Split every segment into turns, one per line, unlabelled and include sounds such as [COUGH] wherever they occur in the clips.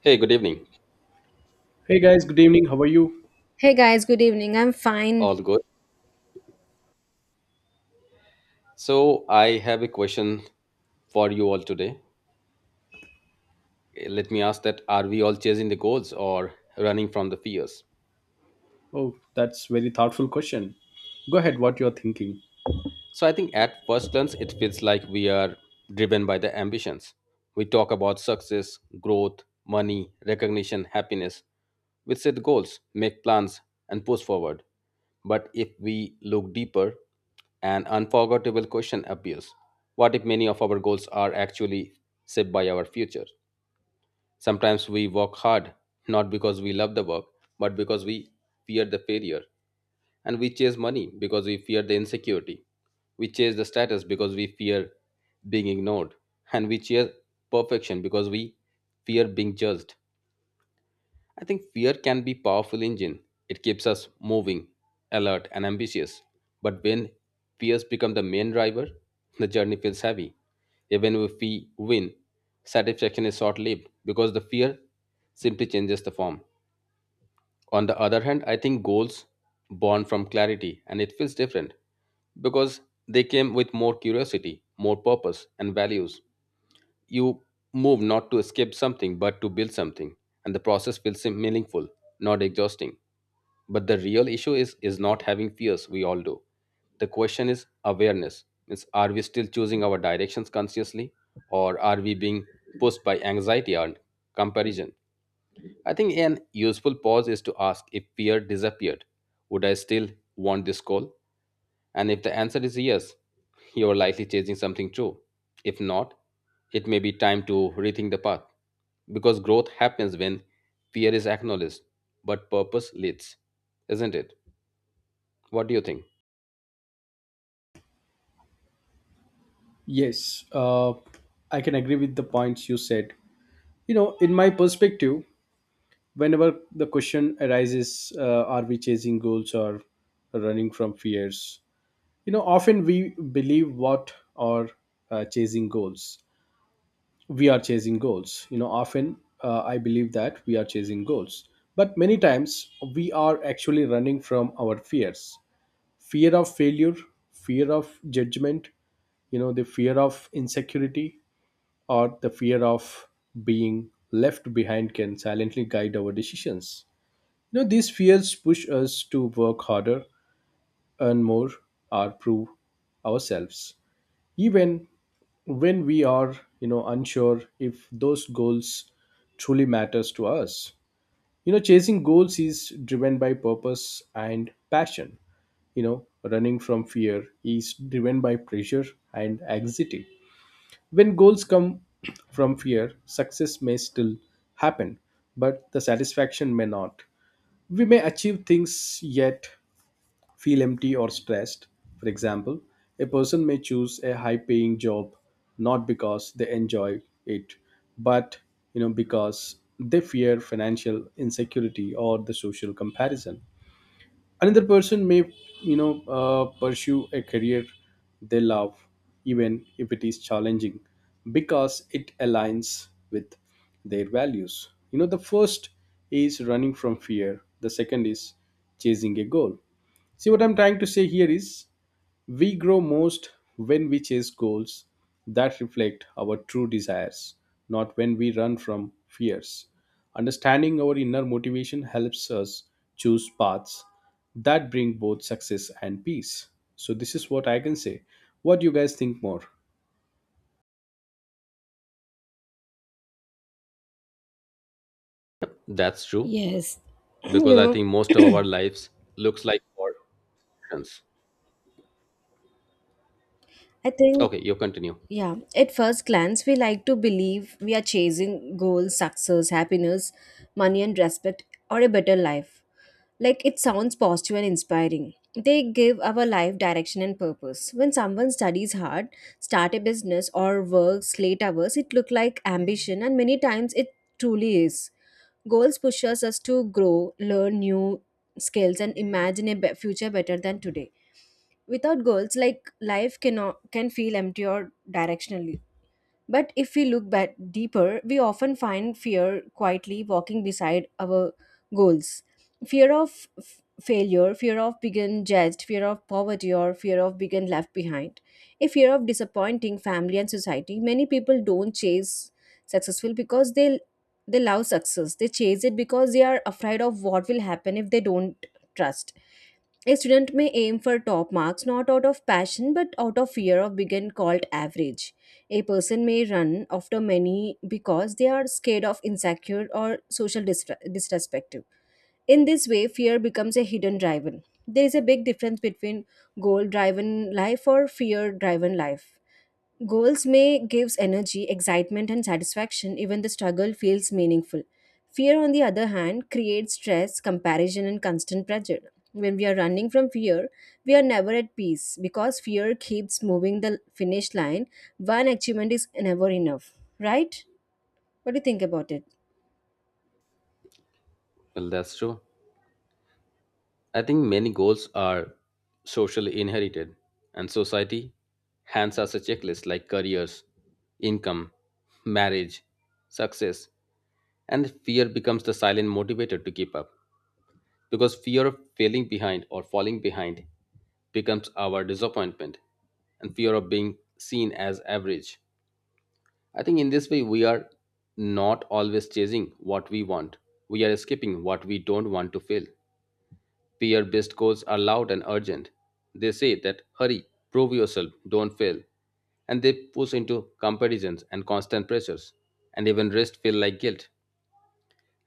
Hey, good evening.
Hey guys, good evening. How are you?
Hey guys, good evening. I'm fine.
All good. So, I have a question for you all today. Let me ask that are we all chasing the goals or running from the fears?
Oh, that's very thoughtful question. Go ahead, what you're thinking.
So I think at first glance, it feels like we are driven by the ambitions. We talk about success, growth, money, recognition, happiness. We set goals, make plans, and push forward. But if we look deeper, an unforgettable question appears. What if many of our goals are actually shaped by our future? Sometimes we work hard, not because we love the work, but because we fear the failure. And we chase money because we fear the insecurity. We chase the status because we fear being ignored. And we chase perfection because we fear being judged. I think fear can be powerful engine. It keeps us moving, alert and ambitious. But when fears become the main driver, the journey feels heavy. Even if we win, satisfaction is short lived because the fear simply changes the form. On the other hand, I think goals born from clarity and it feels different because they came with more curiosity, more purpose, and values. You move not to escape something but to build something, and the process feels sim- meaningful, not exhausting. But the real issue is not having fears, we all do. The question is awareness. Means are we still choosing our directions consciously, or are we being pushed by anxiety and comparison? I think an useful pause is to ask if fear disappeared, would I still want this call? And if the answer is yes, you're likely chasing something true. If not, it may be time to rethink the path. Because growth happens when fear is acknowledged, but purpose leads, isn't it? What do you think?
Yes, I can agree with the points you said. You know, in my perspective, whenever the question arises, are we chasing goals or running from fears? You know, often we believe what are chasing goals. We are chasing goals. You know, often I believe that we are chasing goals. But many times we are actually running from our fears, fear of failure, fear of judgment, you know, the fear of insecurity or the fear of being left behind can silently guide our decisions. You know, these fears push us to work harder, earn more, or prove ourselves even when we are, you know, unsure if those goals truly matters to us. You know, chasing goals is driven by purpose and passion. You know, running from fear. He's driven by pressure and anxiety. When goals come [CLEARS THROAT] from fear, success may still happen, but the satisfaction may not. We may achieve things yet feel empty or stressed. For example, a person may choose a high paying job not because they enjoy it, but, you know, because they fear financial insecurity or the social comparison. Another person may, you know, pursue a career they love even if it is challenging because it aligns with their values. You know, the first is running from fear, the second is chasing a goal. See, what I'm trying to say here is we grow most when we chase goals that reflect our true desires, not when we run from fears. Understanding our inner motivation helps us choose paths that bring both success and peace. So, this is what I can say. What do you guys think more?
That's true,
Yes. [CLEARS THROAT] you
because I
know,
think most of our lives looks like war options.
I think,
Okay, you continue.
yeah, at first glance, we like to believe we are chasing goals, success, happiness, money, and respect, or a better life. Like, it sounds positive and inspiring. They give our life direction and purpose. When someone studies hard, start a business, or works late hours, it look like ambition, and many times it truly is. Goals pushes us to grow, learn new skills, and imagine a future better than today. Without goals, like life cannot can feel empty or directionally. But if we look back deeper, we often find fear quietly walking beside our goals. Fear of failure, fear of being judged, fear of poverty, or fear of being left behind. A fear of disappointing family and society. Many people don't chase successful because they love success. They chase it because they are afraid of what will happen if they don't trust. A student may aim for top marks not out of passion but out of fear of being called average. A person may run after many because they are scared of insecure or social disrespect. In this way, fear becomes a hidden driver. There is a big difference between goal driven life or fear driven life. Goals may gives energy, excitement and satisfaction even the struggle feels meaningful. Fear on the other hand creates stress, comparison and constant pressure. When we are running from fear, we are never at peace because fear keeps moving the finish line. One achievement is never enough, right? What do you think about it?
Well, that's true. I think many goals are socially inherited, and society hands us a checklist like careers, income, marriage, success, and fear becomes the silent motivator to keep up because fear of failing behind or falling behind becomes our disappointment and fear of being seen as average. I think in this way, we are not always chasing what we want, we are escaping what we don't want to feel. Peer based codes are loud and urgent. They say that hurry, prove yourself, don't fail. And they push into comparisons and constant pressures. And even rest feel like guilt.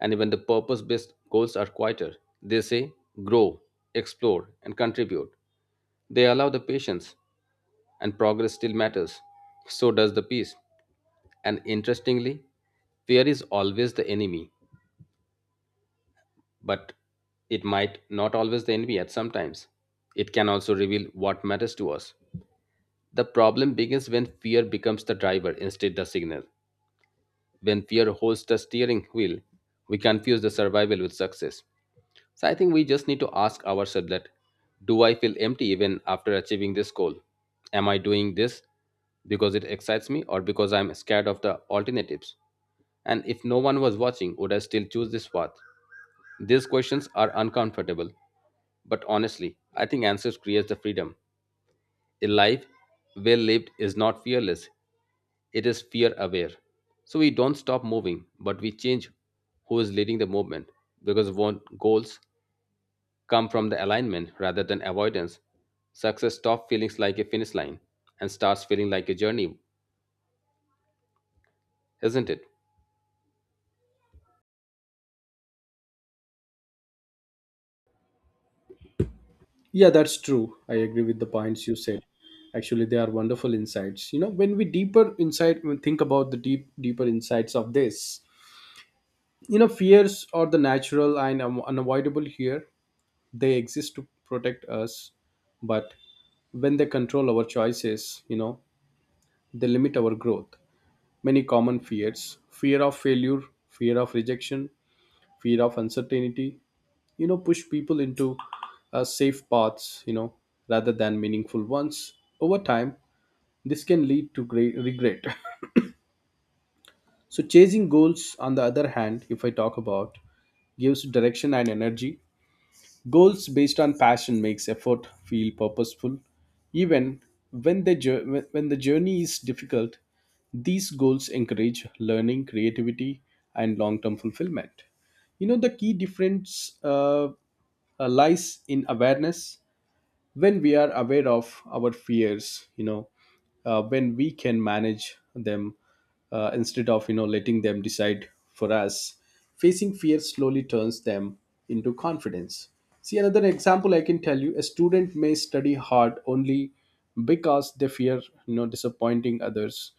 And even the purpose based goals are quieter. They say grow, explore, and contribute. They allow the patience, and progress still matters. So does the peace. And interestingly, fear is always the enemy. But it might not always the envy at sometimes. It can also reveal what matters to us. The problem begins when fear becomes the driver instead the signal. When fear holds the steering wheel, we confuse the survival with success. So I think we just need to ask ourselves that do I feel empty even after achieving this goal? Am I doing this because it excites me or because I'm scared of the alternatives? And if no one was watching, would I still choose this path? These questions are uncomfortable, but honestly, I think answers creates the freedom. A life well lived is not fearless, it is fear aware. So we don't stop moving, but we change who is leading the movement because we want goals come from the alignment rather than avoidance. Success stops feeling like a finish line and starts feeling like a journey, isn't it?
Yeah, that's true. I agree with the points you said. Actually, they are wonderful insights. You know, when we deeper insight, when think about the deeper insights of this, you know, fears are the natural and unavoidable here. They exist to protect us, but when they control our choices, you know, they limit our growth. Many common fears, fear of failure, fear of rejection, fear of uncertainty, you know, push people into safe paths, you know, rather than meaningful ones. Over time this can lead to great regret. [LAUGHS] So chasing goals on the other hand, if I talk about, gives direction and energy. Goals based on passion makes effort feel purposeful even when the journey is difficult. These goals encourage learning, creativity and long-term fulfillment. You know, the key difference, lies in awareness. When we are aware of our fears, you know, when we can manage them, instead of, you know, letting them decide for us, facing fear slowly turns them into confidence. See, another example I can tell you, a student may study hard only because they fear, you know, disappointing others.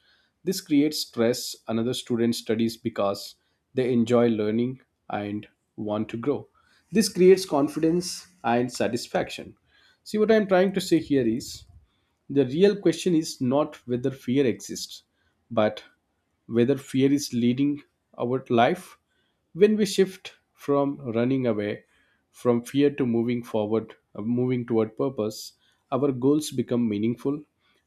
This creates stress. Another student studies because they enjoy learning and want to grow. This creates confidence and satisfaction. See, what I'm trying to say here is the real question is not whether fear exists, but whether fear is leading our life. When we shift from running away from fear to moving forward, moving toward purpose, our goals become meaningful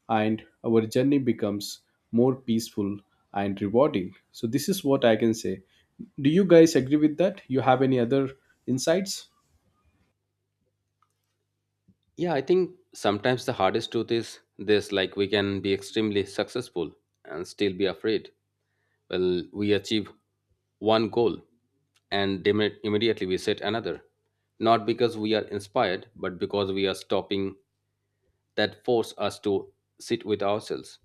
and our journey becomes more peaceful and rewarding. So, this is what I can say. Do you guys agree with that? You have any other insights?
Yeah, I think sometimes the hardest truth is this like we can be extremely successful and still be afraid. Well, we achieve one goal and immediately we set another. Not because we are inspired, but because we are stopping that force us to sit with ourselves.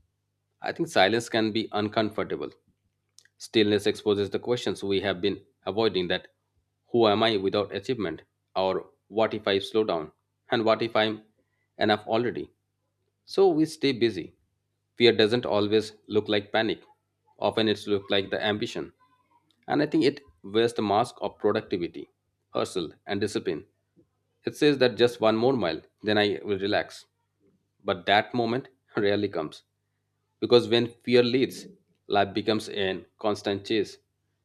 I think silence can be uncomfortable. Stillness exposes the questions we have been avoiding that who am I without achievement? Or what if I slow down? And what if I'm enough already? So we stay busy. Fear doesn't always look like panic. Often it's look like the ambition. And I think it wears the mask of productivity, hustle, and discipline. It says that just one more mile, then I will relax. But that moment [LAUGHS] rarely comes. Because when fear leads, life becomes a constant chase.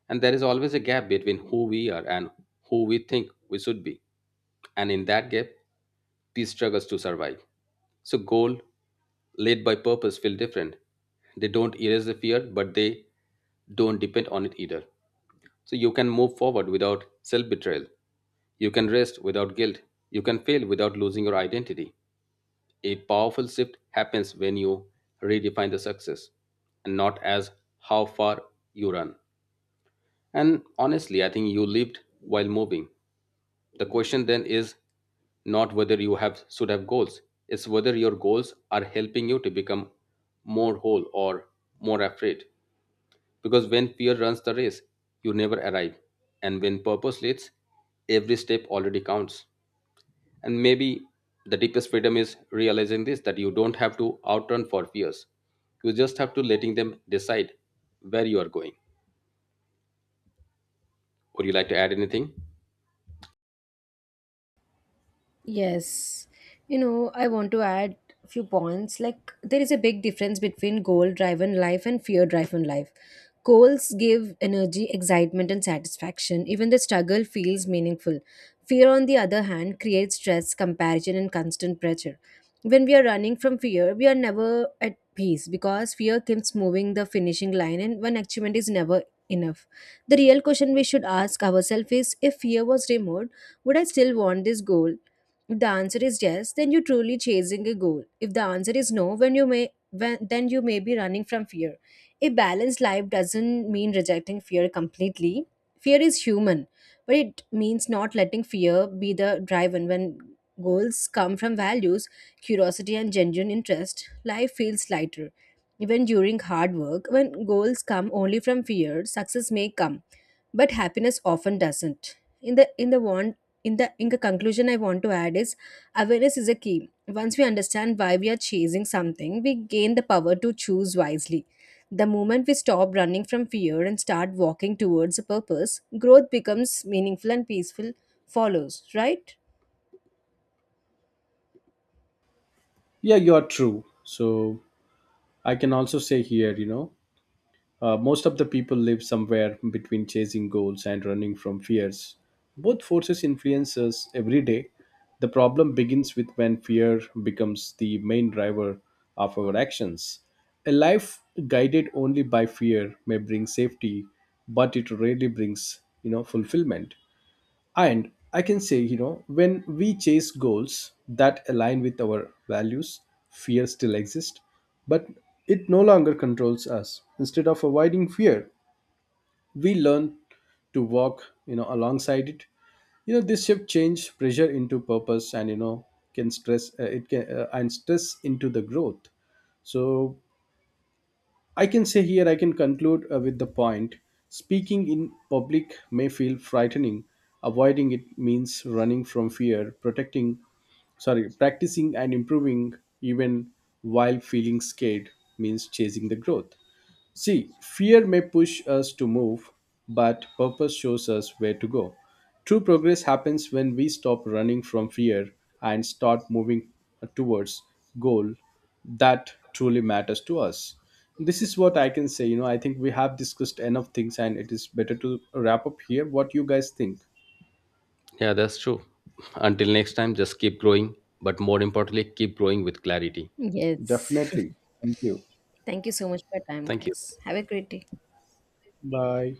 And there is always a gap between who we are and who we think we should be. And in that gap, peace struggles to survive. So, goal led by purpose feel different. They don't erase the fear, but they don't depend on it either. So, you can move forward without self betrayal. You can rest without guilt. You can fail without losing your identity. A powerful shift happens when you redefine the success and not as how far you run. And honestly, I think you lived while moving. The question then is not whether you have should have goals, it's whether your goals are helping you to become more whole or more afraid. Because when fear runs the race, you never arrive. And when purpose leads, every step already counts. And maybe the deepest freedom is realizing this that you don't have to outrun for fears. You just have to letting them decide where you are going. Would you like to add anything?
Yes. You know, I want to add a few points. Like, there is a big difference between goal driven life and fear driven life. Goals give energy, excitement, and satisfaction. Even the struggle feels meaningful. Fear, on the other hand, creates stress, comparison, and constant pressure. When we are running from fear, we are never at peace because fear keeps moving the finishing line, and one achievement is never enough. The real question we should ask ourselves is if fear was removed, would I still want this goal? If the answer is yes, then you're truly chasing a goal. If the answer is no, when you may when, then you may be running from fear. A balanced life doesn't mean rejecting fear completely. Fear is human, but it means not letting fear be the driver when goals come from values, curiosity and genuine interest, life feels lighter. Even during hard work, when goals come only from fear, success may come but happiness often doesn't in the want in the conclusion I want to add is awareness is a key. Once we understand why we are chasing something, we gain the power to choose wisely. The moment we stop running from fear and start walking towards a purpose, growth becomes meaningful and peaceful follows, right?
Yeah, you are true. So, I can also say here, you know, most of the people live somewhere between chasing goals and running from fears. Both forces influence us every day. The problem begins with when fear becomes the main driver of our actions. A life guided only by fear may bring safety, but it rarely brings, you know, fulfillment. And I can say, you know, when we chase goals that align with our values, fear still exists, but it no longer controls us. Instead of avoiding fear, we learn to walk, you know, alongside it. You know, this shift change pressure into purpose and, you know, can stress, and stress into the growth. So I can say here I can conclude with the point, speaking in public may feel frightening. Avoiding it means running from fear, protecting, sorry, practicing and improving even while feeling scared means chasing the growth. See, fear may push us to move, but purpose shows us where to go. True progress happens when we stop running from fear and start moving towards goal that truly matters to us. This is what I can say. You know, I think we have discussed enough things and it is better to wrap up here. What you guys think?
Yeah, that's true. Until next time, just keep growing, but more importantly, keep growing with clarity.
Yes.
Definitely.
[LAUGHS]
Thank you.
Thank you so much for your time,
Thank
guys.
you.
Have a great day.
Bye.